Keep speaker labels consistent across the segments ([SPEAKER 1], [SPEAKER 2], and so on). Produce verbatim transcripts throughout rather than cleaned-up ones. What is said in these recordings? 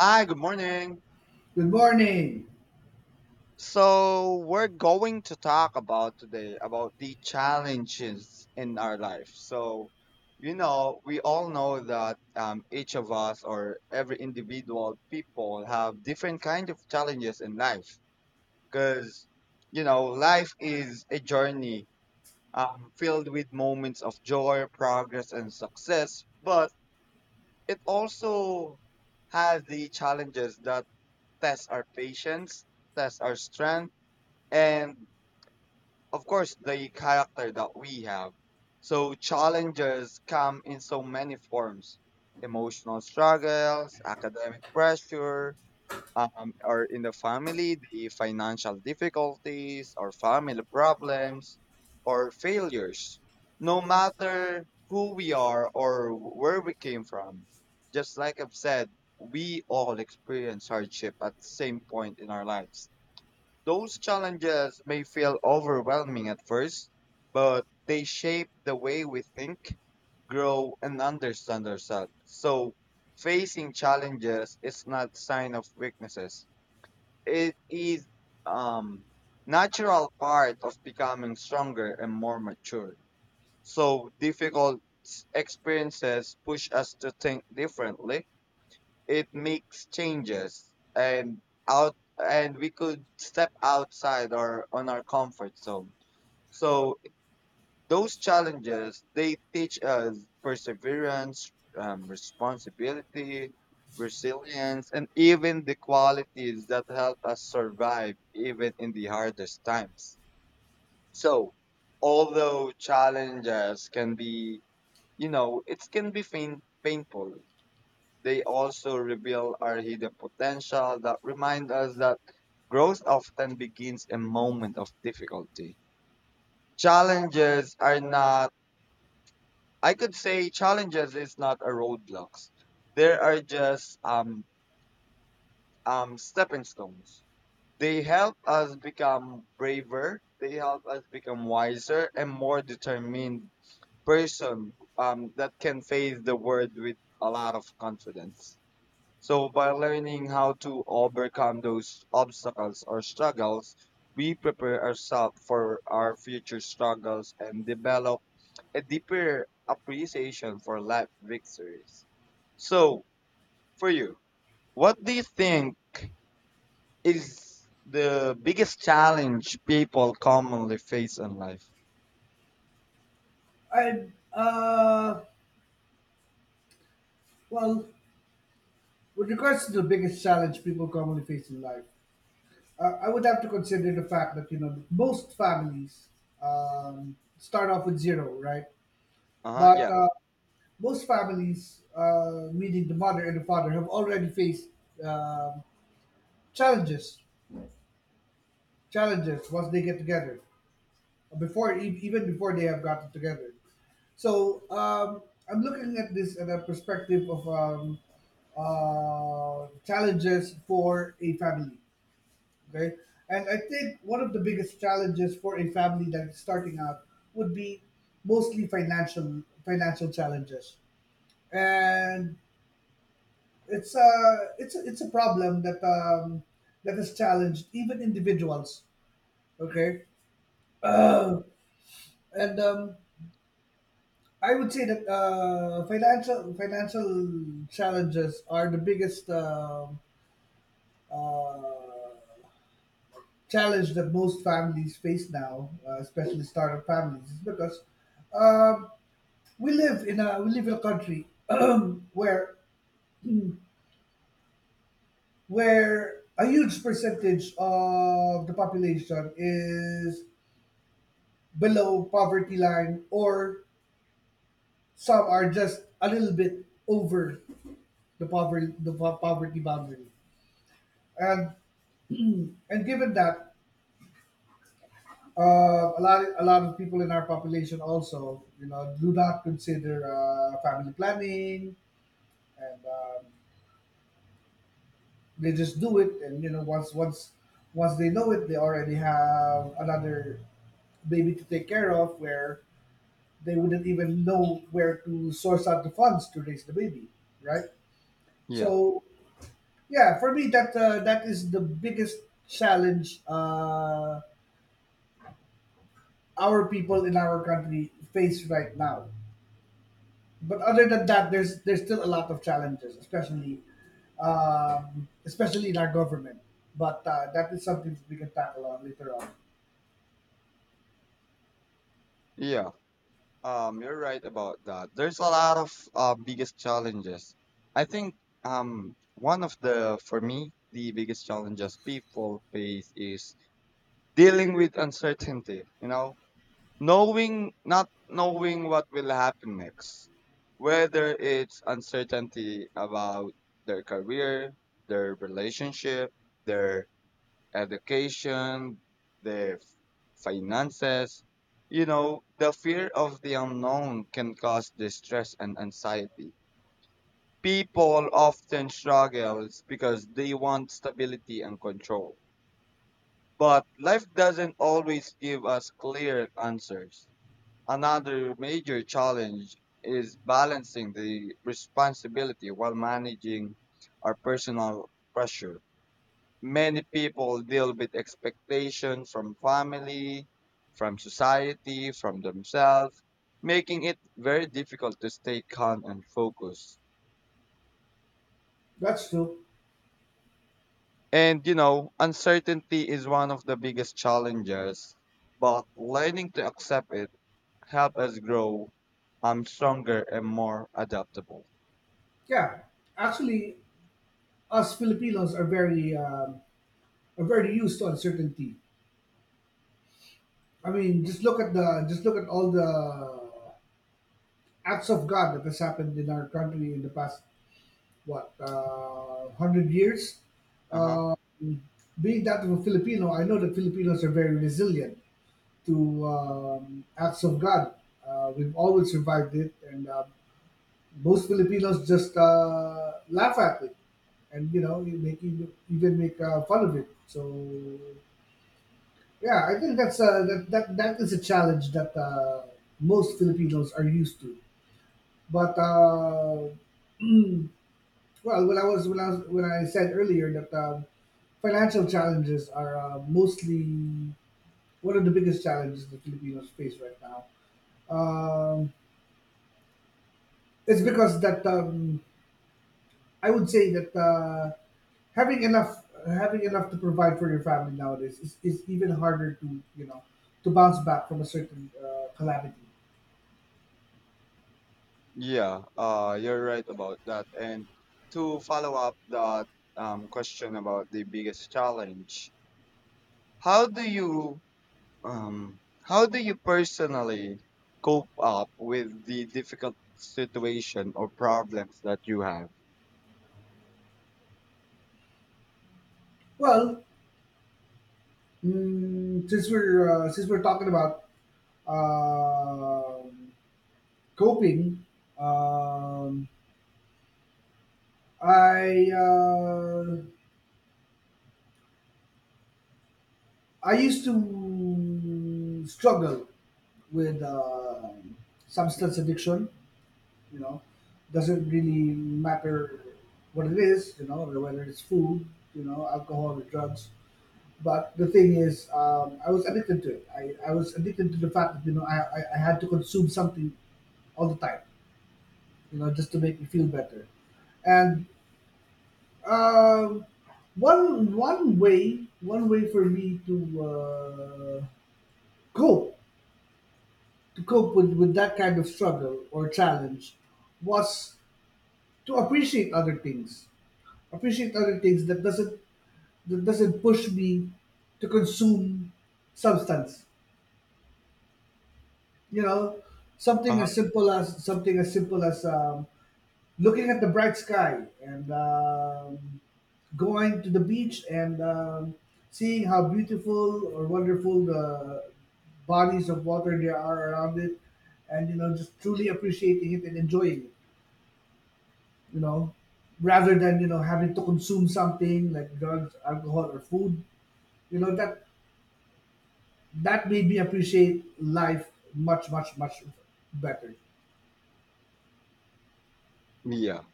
[SPEAKER 1] Hi, good morning.
[SPEAKER 2] Good morning.
[SPEAKER 1] So we're going to talk about today about the challenges in our life. So, you know, we all know that um, each of us or every individual people have different kind of challenges in life because, you know, life is a journey um, filled with moments of joy, progress, and success. But it also has the challenges that test our patience, test our strength, and of course the character that we have. So challenges come in so many forms: emotional struggles, academic pressure, um, or in the family, the financial difficulties, or family problems, or failures. No matter who we are or where we came from, just like I've said, we all experience hardship at the same point in our lives. Those challenges may feel overwhelming at first, but they shape the way we think, grow, and understand ourselves. So, facing challenges is not sign of weaknesses. It is um natural part of becoming stronger and more mature. So, difficult s- experiences push us to think differently, it makes changes and out and we could step outside or on our comfort zone. So those challenges, they teach us perseverance, um, responsibility, resilience, and even the qualities that help us survive even in the hardest times. So although challenges can be, you know it can be pain, painful, they also reveal our hidden potential that remind us that growth often begins in moment of difficulty. Challenges are not, I could say challenges is not a roadblocks. There are just um um stepping stones. They help us become braver, they help us become wiser and more determined person um that can face the world with a lot of confidence. So, by learning how to overcome those obstacles or struggles, we prepare ourselves for our future struggles and develop a deeper appreciation for life victories. So, for you, what do you think is the biggest challenge people commonly face in life?
[SPEAKER 2] I uh well, with regards to the biggest challenge people commonly face in life, uh, I would have to consider the fact that you know most families um, start off with zero, right?
[SPEAKER 1] Uh huh.
[SPEAKER 2] But
[SPEAKER 1] Yeah.
[SPEAKER 2] uh, most families, uh, meaning the mother and the father, have already faced um challenges. Challenges once they get together. before e- even before they have gotten together. So um, I'm looking at this at a perspective of um, uh, challenges for a family. Okay, and I think one of the biggest challenges for a family that's starting out would be mostly financial financial challenges, and it's a it's a, it's a problem that um, that has challenged even individuals. Okay,
[SPEAKER 1] Hmm.
[SPEAKER 2] uh, and um, I would say that uh, financial financial challenges are the biggest um uh, challenge that most families face now, uh, especially startup families, is because um, we live in a we live in a country where where a huge percentage of the population is below poverty line, or some are just a little bit over the poverty the po- poverty boundary. And and given that uh, a lot a lot of people in our population also you know do not consider uh, family planning, and um, they just do it, and you know once once once they know it they already have another baby to take care of where they wouldn't even know where to source out the funds to raise the baby, right?
[SPEAKER 1] Yeah.
[SPEAKER 2] So yeah, for me that uh, that is the biggest challenge uh, our people in our country face right now. But other than that, there's there's still a lot of challenges, especially um, especially in our government. But uh, that is something we can tackle on later on.
[SPEAKER 1] Yeah. Um, you're right about that. There's a lot of uh, biggest challenges. I think um, one of the, for me, the biggest challenges people face is dealing with uncertainty, you know, knowing, not knowing what will happen next, whether it's uncertainty about their career, their relationship, their education, their f- finances. You know, the fear of the unknown can cause distress and anxiety. People often struggles because they want stability and control. But life doesn't always give us clear answers. Another major challenge is balancing the responsibility while managing our personal pressure. Many people deal with expectation from family, from society, from themselves, making it very difficult to stay calm and focused.
[SPEAKER 2] That's true.
[SPEAKER 1] And you know, uncertainty is one of the biggest challenges, but learning to accept it helps us grow um stronger and more adaptable.
[SPEAKER 2] Yeah, actually, us Filipinos are very um, are very used to uncertainty. I mean, just look at the just look at all the acts of God that has happened in our country in the past, what, uh, hundred years?
[SPEAKER 1] Uh-huh.
[SPEAKER 2] Uh, Being that of a Filipino, I know that Filipinos are very resilient to um, acts of God. Uh, we've always survived it, and uh, most Filipinos just uh, laugh at it, and you know, you make you even make uh, fun of it. So, yeah, I think that's uh, that, that that is a challenge that uh, most Filipinos are used to. But uh, well, when I was when I was when I said earlier that um, financial challenges are uh, mostly — what are the biggest challenges the Filipinos face right now? Um, it's because that um, I would say that uh, having enough having enough to provide for your family nowadays is, is even harder to, you know, to bounce back from a certain uh, calamity.
[SPEAKER 1] Yeah, uh you're right about that. And to follow up that um question about the biggest challenge, how do you um how do you personally cope up with the difficult situation or problems that you have?
[SPEAKER 2] Well, mm, since we're uh, since we're talking about um coping, um, I. Uh, I used to struggle with uh, substance addiction. You know, doesn't really matter what it is. You know, whether it's food, you know, alcohol, or drugs. But the thing is, um, I was addicted to it. I, I was addicted to the fact that you know I, I, I had to consume something all the time. You know, just to make me feel better. And um, one one way one way for me to uh, cope to cope with, with that kind of struggle or challenge was to appreciate other things appreciate other things that doesn't, that doesn't push me to consume substance, you know, something
[SPEAKER 1] Uh-huh.
[SPEAKER 2] as simple as something as simple as um, looking at the bright sky, and um, going to the beach, and um, seeing how beautiful or wonderful the bodies of water there are around it, and you know, just truly appreciating it and enjoying it, you know, rather than you know having to consume something like drugs, alcohol, or food. You know that that made me appreciate life much, much, much better.
[SPEAKER 1] Yeah.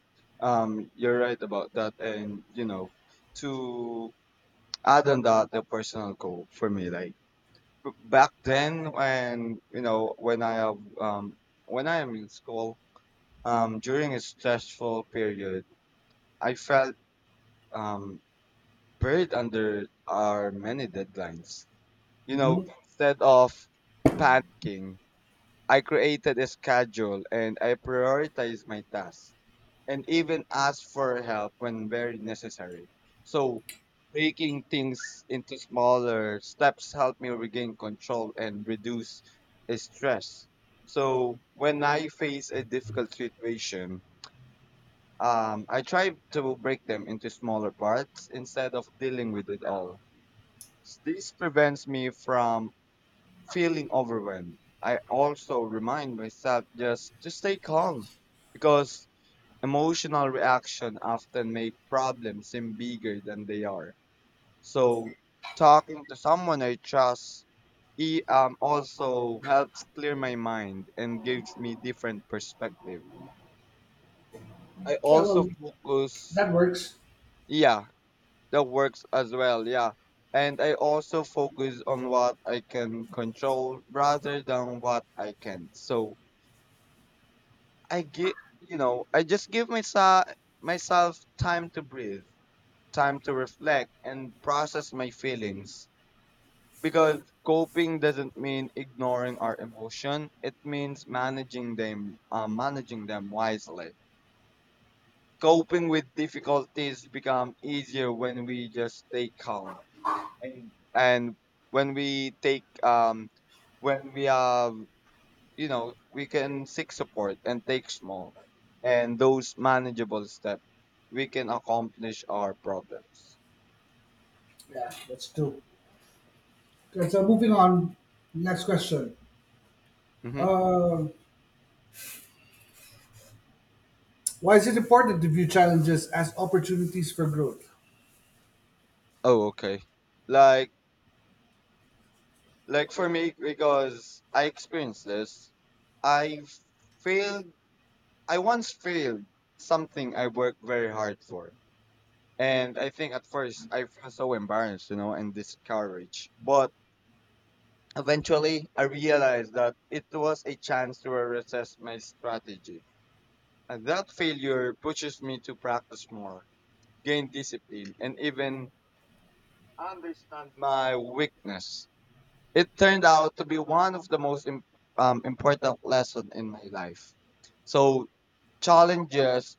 [SPEAKER 1] Um you're right about that, and you know, to add on that, the personal goal for me, like b- back then when, you know, when I have um when I am in school um during a stressful period, I felt um buried under our many deadlines. You know,
[SPEAKER 2] Hmm.
[SPEAKER 1] instead of panicking, I created a schedule and I prioritized my tasks and even asked for help when very necessary. So, breaking things into smaller steps helped me regain control and reduce stress. So, when I face a difficult situation, um, I try to break them into smaller parts instead of dealing with it all. This prevents me from feeling overwhelmed. I also remind myself just to stay calm because emotional reaction often make problems seem bigger than they are. So talking to someone I trust e um also helps clear my mind and gives me different perspective. I
[SPEAKER 2] Yeah,
[SPEAKER 1] also
[SPEAKER 2] well,
[SPEAKER 1] focus,
[SPEAKER 2] that works.
[SPEAKER 1] yeah, that works as well, yeah. And I also focus on what I can control rather than what I can not. So I give, you know, I just give myself myself time to breathe, time to reflect and process my feelings. Because coping doesn't mean ignoring our emotion; it means managing them, uh, managing them wisely. Coping with difficulties become easier when we just stay calm and and when we take um when we have, you know, we can seek support and take small and those manageable steps, we can accomplish our problems.
[SPEAKER 2] Yeah, that's true. Okay, so moving on, next question.
[SPEAKER 1] Mm-hmm.
[SPEAKER 2] Um, why is it important to view challenges as opportunities for growth?
[SPEAKER 1] Oh, okay. Like, like for me, because I experienced this, I failed. I once failed something I worked very hard for, and I think at first I was so embarrassed, you know, and discouraged. But eventually, I realized that it was a chance to reassess my strategy. And that failure pushes me to practice more, gain discipline, and even understand my weakness. It turned out to be one of the most im- um, important lessons in my life. So challenges,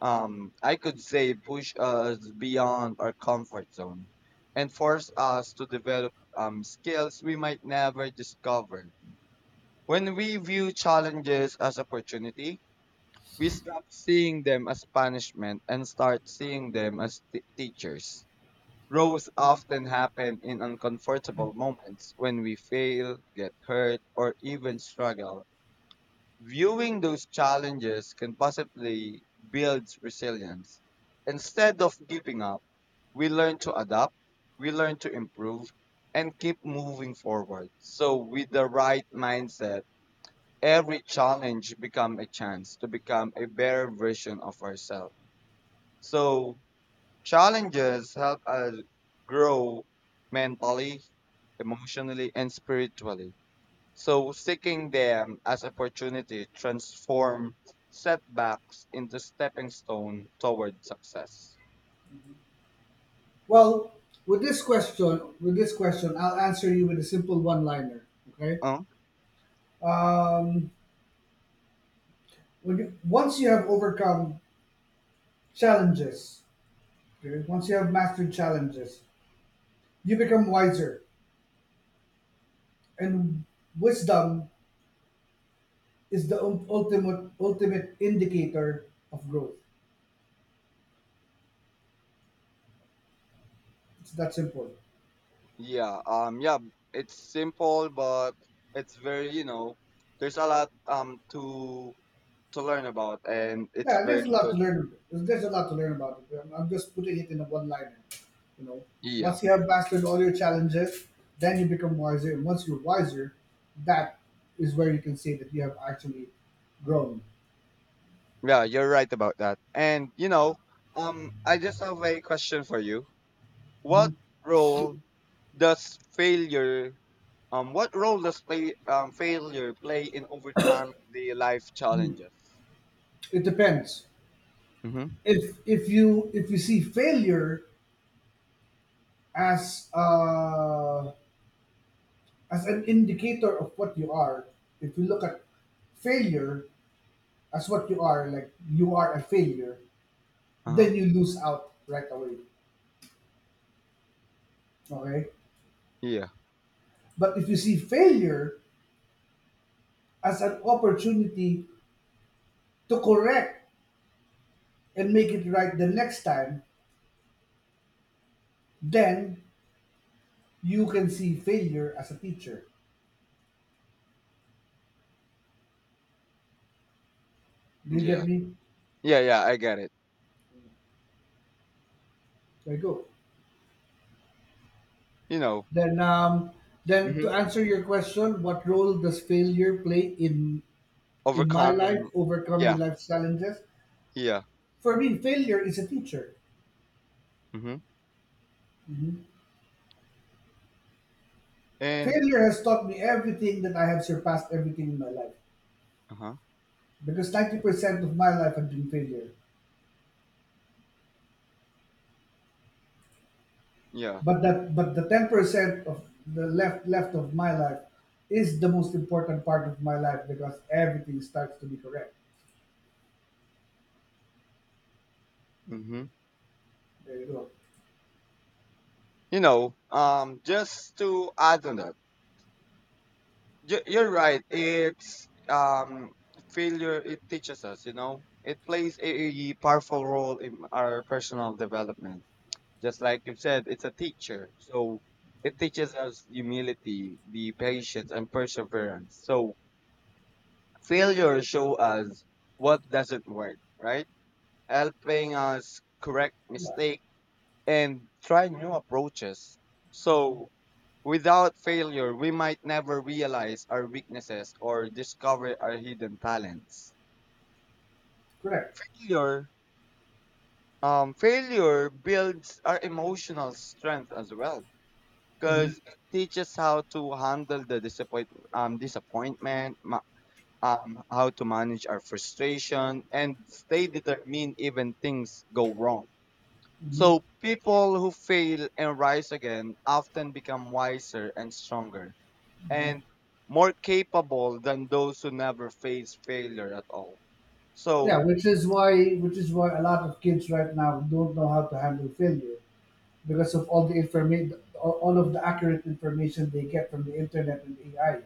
[SPEAKER 1] um, I could say, push us beyond our comfort zone and force us to develop um, skills we might never discover. When we view challenges as opportunity, we stop seeing them as punishment and start seeing them as t- teachers. Growth often happen in uncomfortable moments when we fail, get hurt, or even struggle. Viewing those challenges can possibly build resilience. Instead of giving up, we learn to adapt, we learn to improve, and keep moving forward. So, with the right mindset, every challenge become a chance to become a better version of ourselves. So challenges help us grow mentally, emotionally, and spiritually. So seeking them as opportunity transform setbacks into stepping stone toward success.
[SPEAKER 2] Well, with this question, with this question, I'll answer you with a simple one-liner. Okay.
[SPEAKER 1] Huh?
[SPEAKER 2] Um, when you, Once you have overcome challenges. Okay? Once you have mastered challenges, you become wiser, and wisdom is the ul- ultimate ultimate indicator of growth. It's that simple.
[SPEAKER 1] Yeah, um, yeah, it's simple, but it's very, you know, there's a lot um to to learn about, and it's
[SPEAKER 2] Yeah, there's
[SPEAKER 1] very
[SPEAKER 2] a lot to
[SPEAKER 1] good.
[SPEAKER 2] learn. There's, there's a lot to learn about it. I'm, I'm just putting it in a one-liner. You know,
[SPEAKER 1] Yeah.
[SPEAKER 2] once you have mastered all your challenges, then you become wiser, and once you're wiser, that is where you can say that you have actually grown.
[SPEAKER 1] Yeah, you're right about that. And you know, um I just have a question for you. What role does failure um what role does play um failure play in overcome the life challenges?
[SPEAKER 2] It depends.
[SPEAKER 1] Mhm.
[SPEAKER 2] If if you if you see failure as uh, as an indicator of what you are, if you look at failure as what you are, like you are a failure,
[SPEAKER 1] Uh-huh.
[SPEAKER 2] then you lose out right away. Okay?
[SPEAKER 1] Yeah.
[SPEAKER 2] But if you see failure as an opportunity to correct and make it right the next time, then you can see failure as a teacher. Do you
[SPEAKER 1] Yeah.
[SPEAKER 2] get me?
[SPEAKER 1] Yeah, yeah, I get it.
[SPEAKER 2] There you go.
[SPEAKER 1] You know,
[SPEAKER 2] Then um then
[SPEAKER 1] mhm.
[SPEAKER 2] to answer your question, what role does failure play in in my life
[SPEAKER 1] Overcoming,
[SPEAKER 2] overcoming
[SPEAKER 1] yeah,
[SPEAKER 2] life's challenges.
[SPEAKER 1] yeah.
[SPEAKER 2] For me, failure is a teacher.
[SPEAKER 1] Mhm. And
[SPEAKER 2] Failure has taught me everything that I have surpassed everything in my life.
[SPEAKER 1] uh-huh.
[SPEAKER 2] Because ninety percent of my life had been failure.
[SPEAKER 1] Yeah.
[SPEAKER 2] But that, but the ten percent of the left left of my life is the most important part of my life, because everything starts to be correct.
[SPEAKER 1] Mhm.
[SPEAKER 2] There you go.
[SPEAKER 1] You know, um just to add on that, You- you're right. It's um failure. It teaches us. You know, it plays a powerful role in our personal development. Just like you said, it's a teacher. So it teaches us humility, the patience, and perseverance. So failure show us what doesn't work, right? Helping us correct
[SPEAKER 2] Yeah,
[SPEAKER 1] mistake and try new approaches. So without failure, we might never realize our weaknesses or discover our hidden talents.
[SPEAKER 2] correct.
[SPEAKER 1] Failure, um, failure builds our emotional strength as well
[SPEAKER 2] Mhm,
[SPEAKER 1] because it teaches how to handle the disappoint, um, disappointment, ma- um, how to manage our frustration, and stay determined even things go wrong.
[SPEAKER 2] mhm.
[SPEAKER 1] So people who fail and rise again often become wiser and stronger and more capable than those who never face failure at all.
[SPEAKER 2] Yeah,
[SPEAKER 1] So,
[SPEAKER 2] which is why which is why a lot of kids right now don't know how to handle failure, because of all the information, all of the accurate information they get from the internet and A I.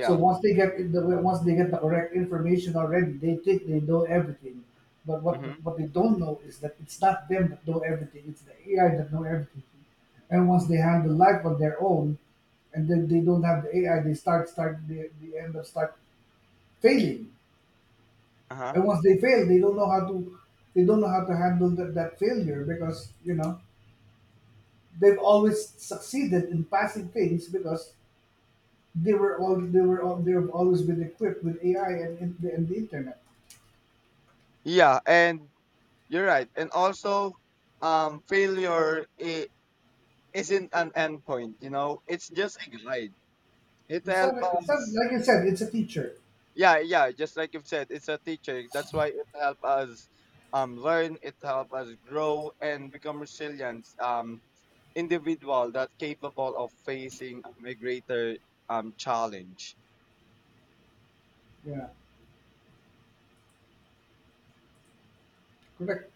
[SPEAKER 2] So once they get in the, once they get the correct information already, they think they know everything. But what
[SPEAKER 1] Hmm.
[SPEAKER 2] what they don't know is that it's not them that know everything; it's the A I that know everything. And once they handle life on their own, and then they don't have the A I, they start start they, they end up start failing.
[SPEAKER 1] Uh-huh.
[SPEAKER 2] And once they fail, they don't know how to, they don't know how to handle that, that failure, because you know they've always succeeded in passing things because they were all they were all they've always been equipped with A I and, and, the, and the internet.
[SPEAKER 1] Yeah, and you're right. And also, um, failure i- isn't an endpoint, you know, it's just a guide. It
[SPEAKER 2] It's not,
[SPEAKER 1] helps
[SPEAKER 2] it's not,
[SPEAKER 1] us.
[SPEAKER 2] like I said, it's a teacher.
[SPEAKER 1] Yeah, yeah, just like you've said, it's a teacher. That's why it helps us um, learn, it helps us grow and become resilient um, individual that's capable of facing a greater um, challenge.
[SPEAKER 2] Yeah, correct.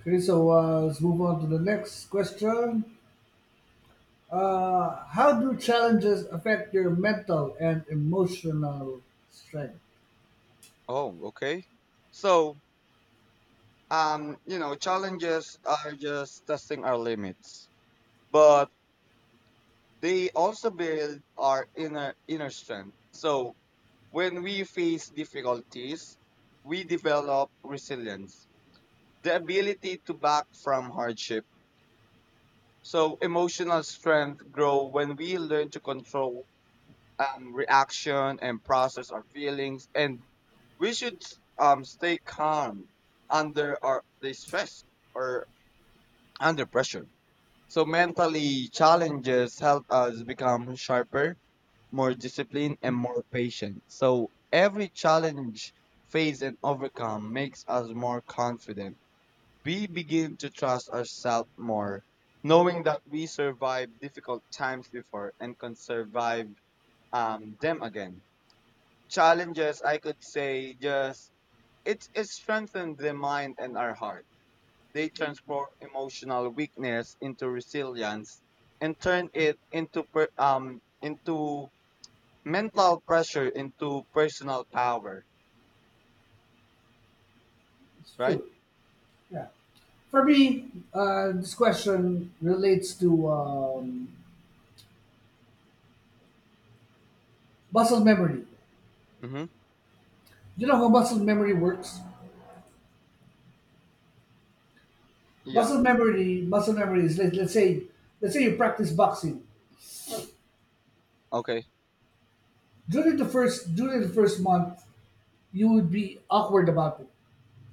[SPEAKER 2] Okay, so uh, let's move on to the next question. Uh, how do challenges affect your mental and emotional strength?
[SPEAKER 1] Oh, okay. So, um, you know, challenges are just testing our limits, but they also build our inner inner strength. So, when we face difficulties, we develop resilience, the ability to back from hardship. So, emotional strength grow when we learn to control um, reaction and process our feelings, and we should um, stay calm under our the stress or under pressure. So mentally challenges help us become sharper, more disciplined, and more patient. So every challenge faced and overcome makes us more confident. We begin to trust ourselves more, knowing that we survived difficult times before and can survive um, them again. Challenges, I could say, just it, it strengthens the mind and our heart, they transform emotional weakness into resilience and turn it into per- um into mental pressure into personal power,
[SPEAKER 2] It's
[SPEAKER 1] right?
[SPEAKER 2] true. Yeah. For me, uh, this question relates to um, muscle memory.
[SPEAKER 1] Mhm.
[SPEAKER 2] You know how muscle memory works?
[SPEAKER 1] Yeah.
[SPEAKER 2] Muscle memory, muscle memory is, let, let's say let's say you practice boxing.
[SPEAKER 1] Okay.
[SPEAKER 2] During the first during the first month you would be awkward about it.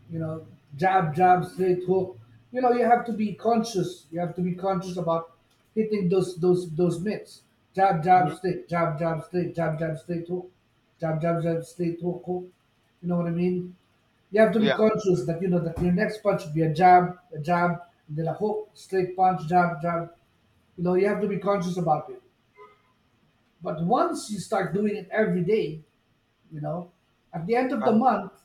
[SPEAKER 2] You know, jab, jab, straight hook. You know, you have to be conscious. You have to be conscious about hitting those those those mitts. Jab, jab,
[SPEAKER 1] Mhm.
[SPEAKER 2] straight, jab, jab, straight, jab, jab, straight hook, jab, jab, jab, straight hook, hook. You know what I mean? You have to be
[SPEAKER 1] Yeah.
[SPEAKER 2] conscious that you know that your next punch should be a jab, a jab, and then a hook, straight punch, jab, jab. You know, you have to be conscious about it. But once you start doing it every day, you know, at the end of the
[SPEAKER 1] Uh,
[SPEAKER 2] month,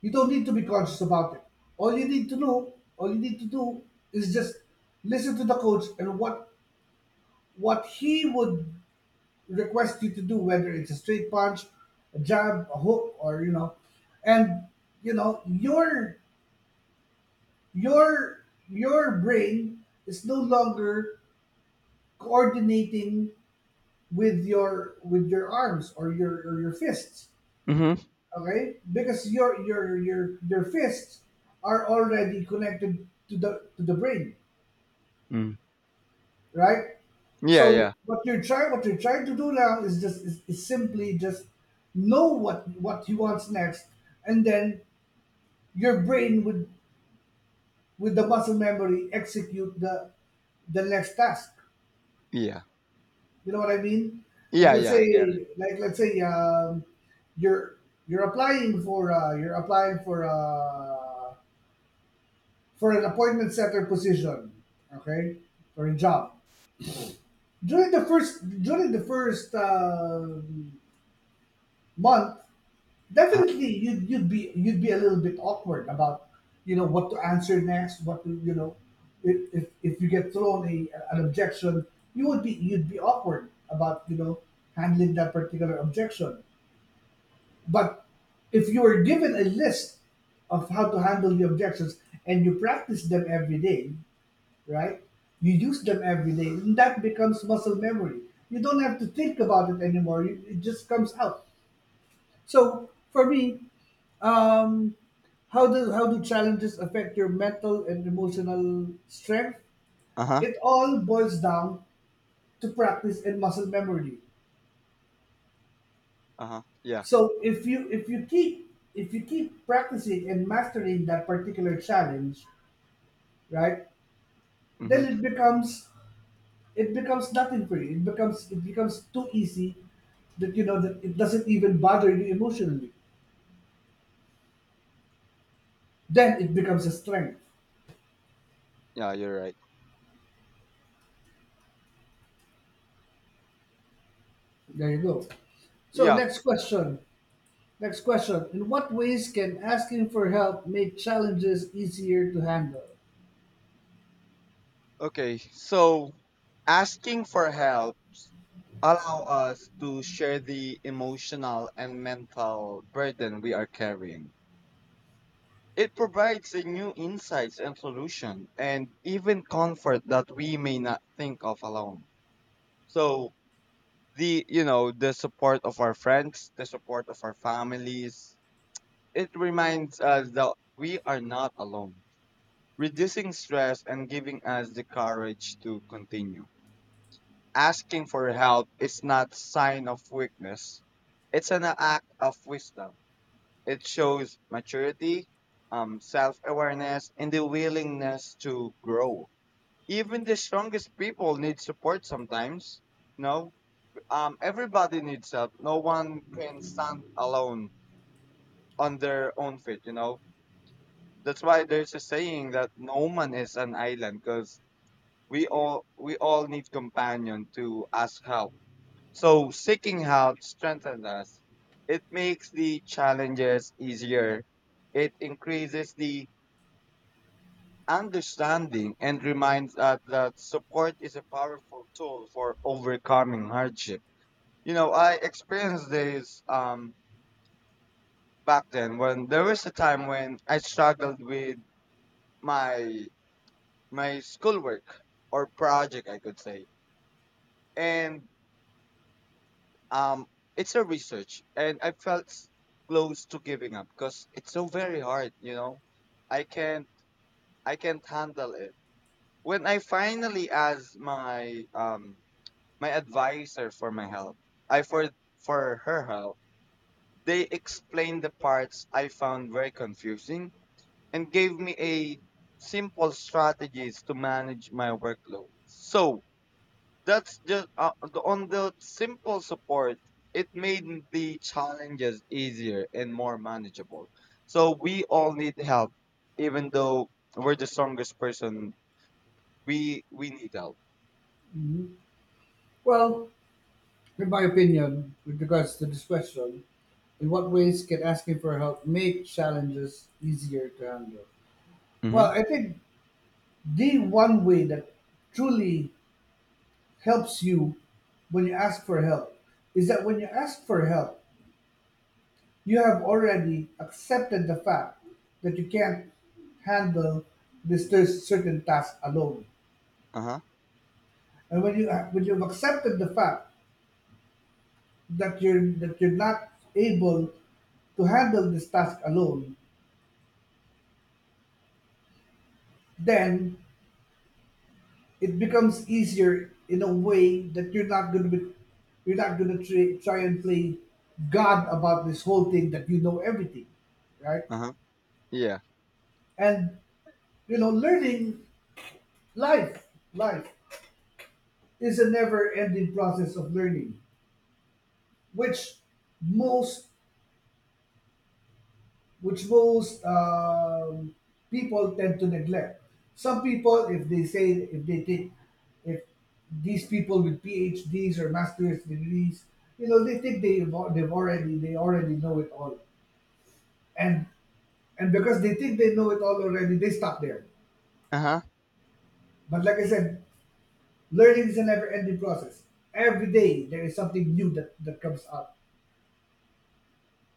[SPEAKER 2] you don't need to be conscious about it. All you need to do, all you need to do is just listen to the coach and what what he would request you to do, whether it's a straight punch, a jab, a hook, or you know, and you know your your your brain is no longer coordinating with your with your arms or your or your fists,
[SPEAKER 1] mhm.
[SPEAKER 2] okay, because your your your your fists are already connected to the to the brain,
[SPEAKER 1] Mm.
[SPEAKER 2] right?
[SPEAKER 1] Yeah,
[SPEAKER 2] So
[SPEAKER 1] yeah.
[SPEAKER 2] what you're trying what you're trying to do now is just is, is simply just know what what he wants next, and then your brain would with the muscle memory execute the the next task.
[SPEAKER 1] Yeah.
[SPEAKER 2] You know what I mean? Like
[SPEAKER 1] Yeah,
[SPEAKER 2] let's
[SPEAKER 1] yeah, I get it.
[SPEAKER 2] say, like let's say, um, you're you're applying for uh, you're applying for uh, for an appointment setter position, okay, for a job. During the first during the first um month,
[SPEAKER 1] Uh-huh.
[SPEAKER 2] definitely you'd you'd be, you'd be a little bit awkward about you know what to answer next, what to you know if if, if you get thrown a, an objection, you would be, you'd be awkward about you know handling that particular objection. But if you are given a list of how to handle the objections and you practice them every day, right? You use them every day, and that becomes muscle memory. You don't have to think about it anymore. It it just comes out. So for me, um, how do how do challenges affect your mental and emotional strength?
[SPEAKER 1] Uh-huh.
[SPEAKER 2] It all boils down to practice and muscle memory.
[SPEAKER 1] Uh-huh. Yeah.
[SPEAKER 2] So if you if you keep if you keep practicing and mastering that particular challenge, right? Then
[SPEAKER 1] Mhm.
[SPEAKER 2] it becomes it becomes nothing for you. It becomes it becomes too easy that you know that it doesn't even bother you emotionally. Then it becomes a strength.
[SPEAKER 1] Yeah, you're right.
[SPEAKER 2] There you go. So
[SPEAKER 1] Yeah.
[SPEAKER 2] next question. Next question. In what ways can asking for help make challenges easier to handle?
[SPEAKER 1] Okay, so asking for help allow us to share the emotional and mental burden we are carrying. It provides a new insights and solution and even comfort that we may not think of alone. So the, you know, the support of our friends, the support of our families, it reminds us that we are not alone, reducing stress and giving us the courage to continue. Asking for help is not sign of weakness. It's an act of wisdom. It shows maturity, um, self-awareness, and the willingness to grow. Even the strongest people need support sometimes. No, um, everybody needs help. No one can stand alone on their own feet. You know, that's why there's a saying that no man is an island because we all we all need companion to ask help. So seeking help strengthens us. It makes the challenges easier. It increases the understanding and reminds us that support is a powerful tool for overcoming hardship. You know, I experienced this um, back then when there was a time when I struggled with my my schoolwork or project, I could say, and Um, it's a research, and I felt s- close to giving up because it's so very hard. You know, I can't, I can't handle it. When I finally asked my um my advisor for my help, I for for her help, they explained the parts I found very confusing and gave me a simple strategies to manage my workload. So that's just uh, the- on the simple support, it made the challenges easier and more manageable. So we all need help, even though we're the strongest person. We we need help.
[SPEAKER 2] Hmm. Well, in my opinion, with regards to this question, in what ways can asking for help make challenges easier to handle? Well,
[SPEAKER 1] Mm-hmm.
[SPEAKER 2] I think the one way that truly helps you when you ask for help is that when you ask for help, you have already accepted the fact that you can't handle this cer- certain task alone.
[SPEAKER 1] Uh huh.
[SPEAKER 2] And when you when you've accepted the fact that you're that you're not able to handle this task alone, then it becomes easier in a way that you're not gonna be you're not gonna try, try and play God about this whole thing that you know everything, right?
[SPEAKER 1] Uh huh. Yeah.
[SPEAKER 2] And you know, learning life, life is a never-ending process of learning, which most which most um, people tend to neglect. Some people, if they say if they think if these people with PhDs or master's degrees, you know, they think they've, they've already they already know it all, and and because they think they know it all already, they stop there.
[SPEAKER 1] Uh huh.
[SPEAKER 2] But like I said, learning is a never-ending process. Every day there is something new that that comes up,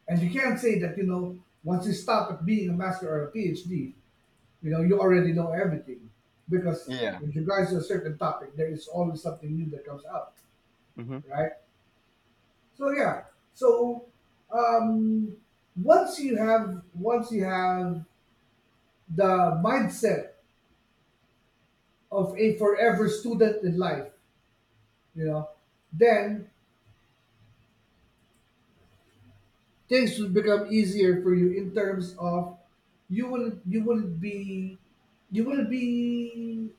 [SPEAKER 2] and you can't say that you know once you stop at being a master or a PhD, you know, you already know everything, because
[SPEAKER 1] Yeah.
[SPEAKER 2] with regards to a certain topic, there is always something new that comes out,
[SPEAKER 1] Mm-hmm.
[SPEAKER 2] right? So yeah. So um, once you have once you have the mindset of a forever student in life, you know, then things will become easier for you in terms of you will you wouldn't be you will be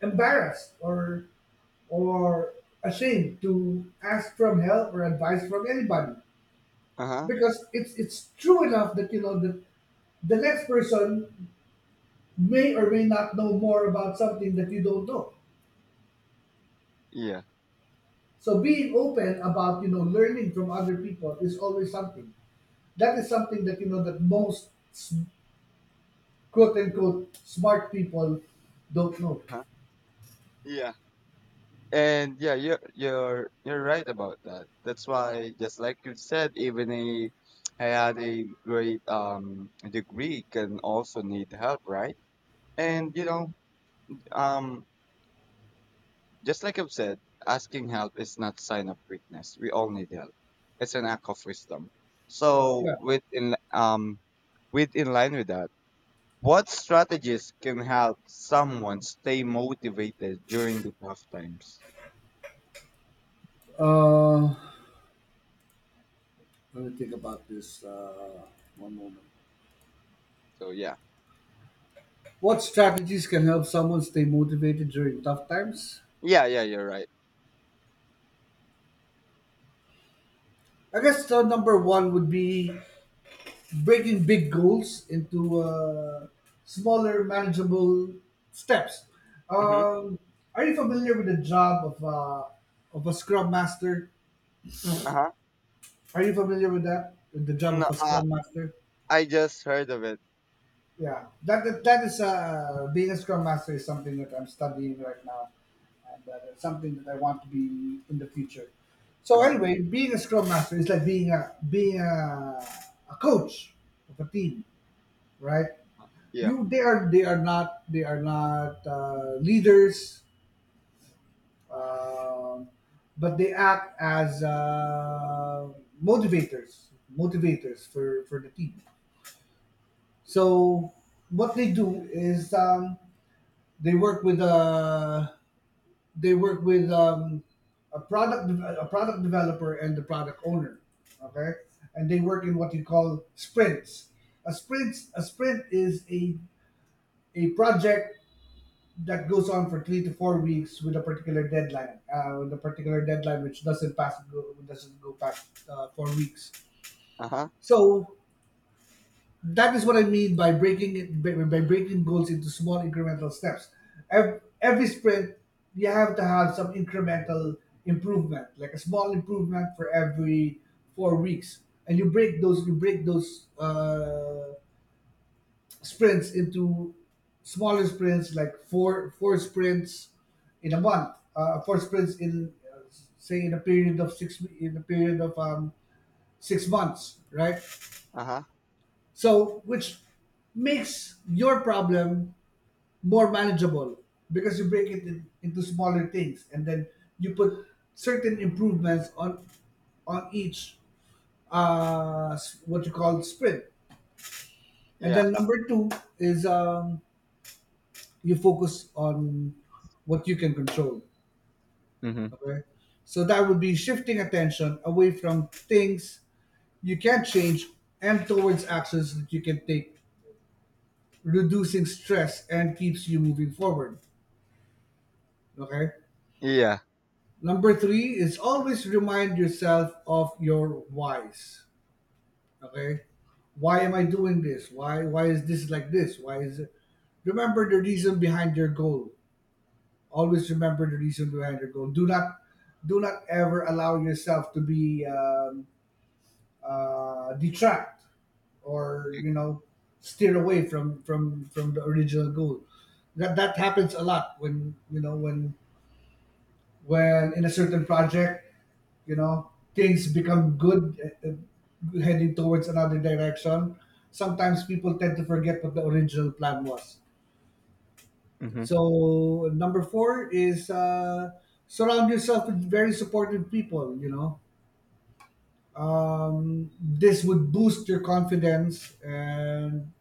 [SPEAKER 2] embarrassed or or ashamed to ask from help or advice from anybody,
[SPEAKER 1] Uh huh.
[SPEAKER 2] because it's it's true enough that you know the the next person may or may not know more about something that you don't know,
[SPEAKER 1] Yeah.
[SPEAKER 2] so being open about you know learning from other people is always something that is something that you know that most s- quote unquote smart people don't know.
[SPEAKER 1] Huh? Yeah. And yeah, you're you're you're right about that. That's why, just like you said, even a I had a great um degree can also need help, right? And you know, um, just like I've said, asking help is not sign of weakness. We all need help. It's an act of wisdom.
[SPEAKER 2] Yeah,
[SPEAKER 1] So with in um with in line with that, what strategies can help someone stay motivated during the tough times?
[SPEAKER 2] uh let me think about this, uh one moment.
[SPEAKER 1] So yeah.
[SPEAKER 2] What strategies can help someone stay motivated during tough times?
[SPEAKER 1] Yeah, yeah, you're right.
[SPEAKER 2] I guess the number one would be breaking big goals into uh, smaller, manageable steps.
[SPEAKER 1] Mm-hmm.
[SPEAKER 2] Um, are you familiar with the job of uh, of a scrum master?
[SPEAKER 1] Uh-huh.
[SPEAKER 2] Are you familiar with that? With the job of
[SPEAKER 1] No,
[SPEAKER 2] a
[SPEAKER 1] uh,
[SPEAKER 2] scrum master?
[SPEAKER 1] I just heard of it.
[SPEAKER 2] Yeah, that that, that is uh, being a scrum master is something that I'm studying right now, and that is something that I want to be in the future. So
[SPEAKER 1] Uh-huh.
[SPEAKER 2] anyway, being a scrum master is like being a being a, a coach of a team, right?
[SPEAKER 1] Yeah.
[SPEAKER 2] You they are they are not they are not uh, leaders, um, but they act as uh, motivators motivators for for the team. So what they do is, Um, they work with uh, they work with um, a product de- a product developer and the product owner. Okay, and they work in what you call sprints. A sprint a sprint is a a project that goes on for three to four weeks with a particular deadline. Uh, with a particular deadline which doesn't pass go, doesn't go past uh, four weeks.
[SPEAKER 1] Uh-huh.
[SPEAKER 2] So that is what I mean by breaking it by, by breaking goals into small incremental steps. Ev- Every sprint, you have to have some incremental improvement, like a small improvement for every four weeks, and you break those you break those uh, sprints into smaller sprints, like four four sprints in a month, uh, four sprints in uh, say in a period of six in a period of um, six months, right?
[SPEAKER 1] Uh-huh.
[SPEAKER 2] So, which makes your problem more manageable because you break it in, into smaller things, and then you put certain improvements on on each uh, s- what you call sprint. And
[SPEAKER 1] Yeah.
[SPEAKER 2] then number two is, um, you focus on what you can control.
[SPEAKER 1] Mm-hmm.
[SPEAKER 2] Okay, so that would be shifting attention away from things you can't change and towards actions that you can take, reducing stress and keeps you moving forward. Okay.
[SPEAKER 1] Yeah.
[SPEAKER 2] Number three is always remind yourself of your whys. Okay. Why am I doing this? Why why is this like this? Why is it, remember the reason behind your goal. Always remember the reason behind your goal. Do not do not ever allow yourself to be um, uh, detract or you know steer away from from from the original goal. That that happens a lot when you know when when in a certain project, you know, things
[SPEAKER 1] Yeah.
[SPEAKER 2] become good, uh, uh, heading towards another direction. Sometimes people tend to forget what the original plan was.
[SPEAKER 1] Mm-hmm.
[SPEAKER 2] So number four is, uh, surround yourself with very supportive people. You know, um, this would boost your confidence, and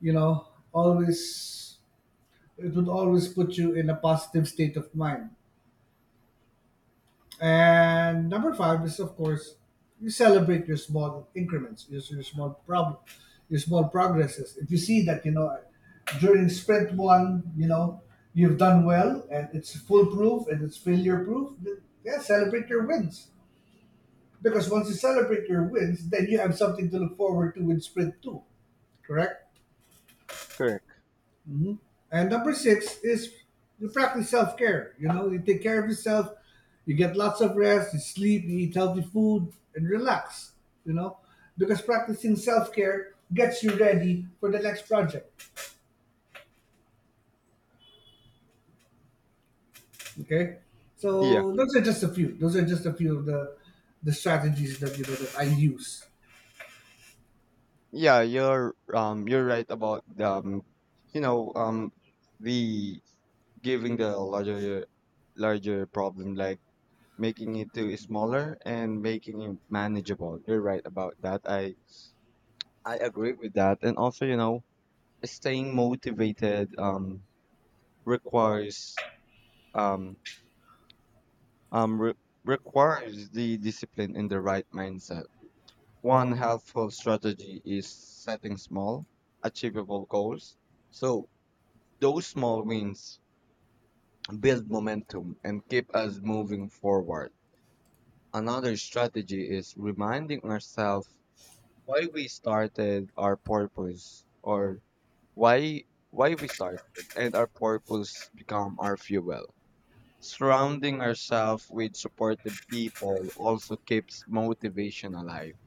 [SPEAKER 2] you know always it would always put you in a positive state of mind. And number five is, of course, you celebrate your small increments, your, your small problem, your small progresses. If you see that you know during sprint one, you know, you've done well and it's foolproof and it's failure proof, then yeah, celebrate your wins. Because once you celebrate your wins, then you have something to look forward to with sprint two, correct?
[SPEAKER 1] Correct.
[SPEAKER 2] And number six is you practice self care. You know, you take care of yourself, you get lots of rest, you sleep, you eat healthy food, and relax, you know, because practicing self care gets you ready for the next project. Okay.
[SPEAKER 1] Yeah.
[SPEAKER 2] So those are just a few. Those are just a few of the the strategies that you know that I use.
[SPEAKER 1] Yeah, you're um you're right about um you know um the giving the larger larger problem like making it to smaller and making it manageable. You're right about that. I I agree with that. And also, you know, staying motivated um requires um um re- requires the discipline and the right mindset. One helpful strategy is setting small, achievable goals. So those small wins build momentum and keep us moving forward. Another strategy is reminding ourselves why we started our purpose or why why we started, and our purpose become our fuel. Surrounding ourselves with supportive people also keeps motivation alive.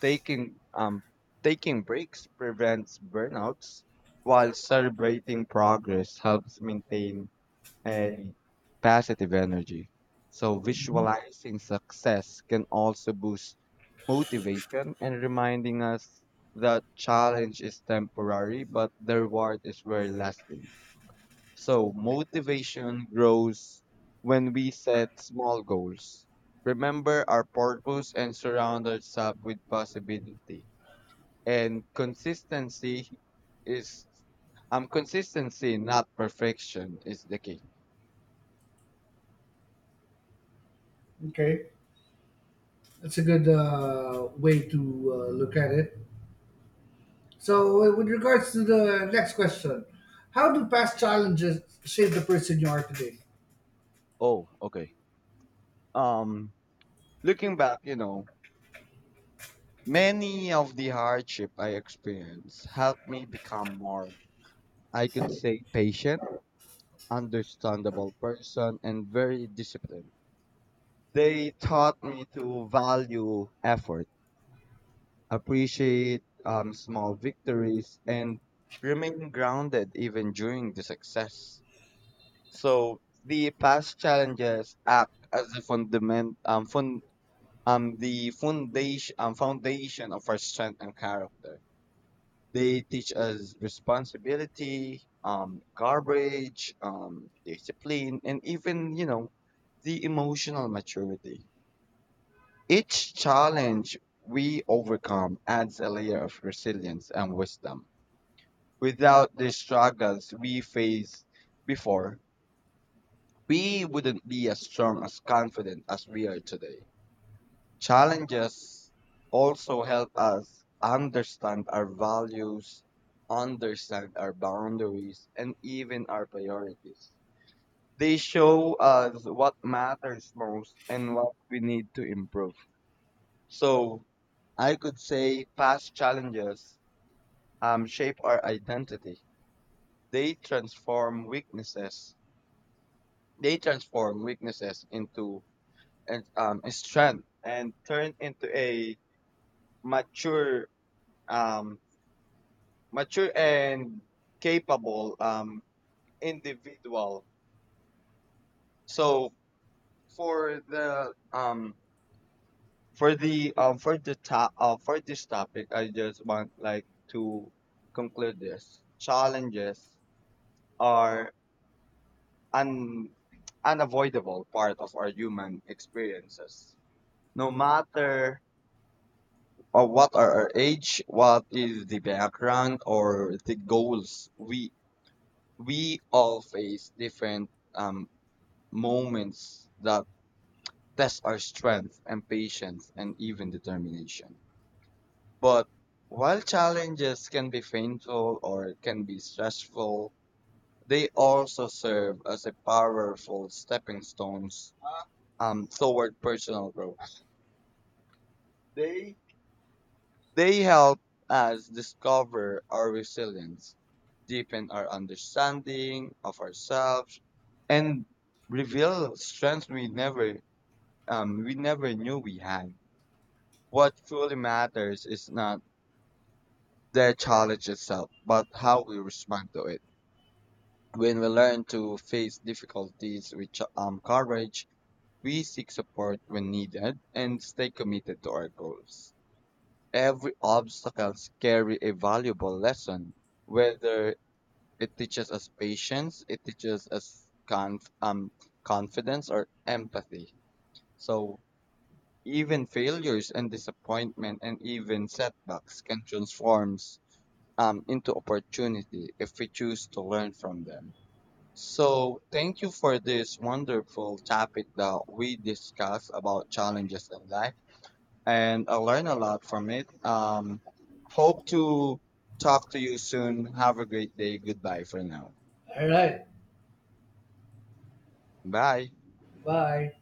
[SPEAKER 1] Taking um Taking breaks prevents burnouts while celebrating progress helps maintain and positive energy. So, visualizing success can also boost motivation and reminding us that challenge is temporary, but the reward is very lasting. So, motivation grows when we set small goals. Remember our purpose and surround ourselves with possibility. And consistency is um consistency, not perfection, is the key.
[SPEAKER 2] Okay, that's a good uh, way to uh, look at it. So, uh, with regards to the next question, how do past challenges shape the person you are today?
[SPEAKER 1] Oh, okay. Um, looking back, you know, many of the hardship I experienced helped me become more, I could say, patient, understandable person, and very disciplined. They taught me to value effort, appreciate um, small victories, and remain grounded even during the success. So the past challenges act as a fundament, um, fun, um the foundation um, foundation of our strength and character. They teach us responsibility, um, courage, um, discipline, and even you know the emotional maturity. Each challenge we overcome adds a layer of resilience and wisdom. Without the struggles we faced before, we wouldn't be as strong as confident as we are today. Challenges also help us understand our values, understand our boundaries, and even our priorities. They show us what matters most and what we need to improve. So I could say past challenges um, shape our identity. They transform weaknesses. They transform weaknesses into and um, strength and turn into a mature um, mature and capable um, individual. So for the um for the um for the top uh, for this topic, I just want like to conclude this. Challenges are un unavoidable part of our human experiences. No matter uh, what are our age, what is the background or the goals, we we all face different um moments that test our strength and patience and even determination. But while challenges can be painful or can be stressful, they also serve as a powerful stepping stones um, toward personal growth. They they help us discover our resilience, deepen our understanding of ourselves, and reveal strengths we never um, we never knew we had. What truly matters is not the challenge itself, but how we respond to it. When we learn to face difficulties with ch- um, courage, we seek support when needed and stay committed to our goals. Every obstacle carry a valuable lesson, whether it teaches us patience, it teaches us conf- um, confidence or empathy. So even failures and disappointment and even setbacks can transform um, into opportunity if we choose to learn from them. So, thank you for this wonderful topic that we discussed about challenges in life, and I learned a lot from it. Um, hope to talk to you soon. Have a great day. Goodbye for now.
[SPEAKER 2] All right.
[SPEAKER 1] Bye.
[SPEAKER 2] Bye.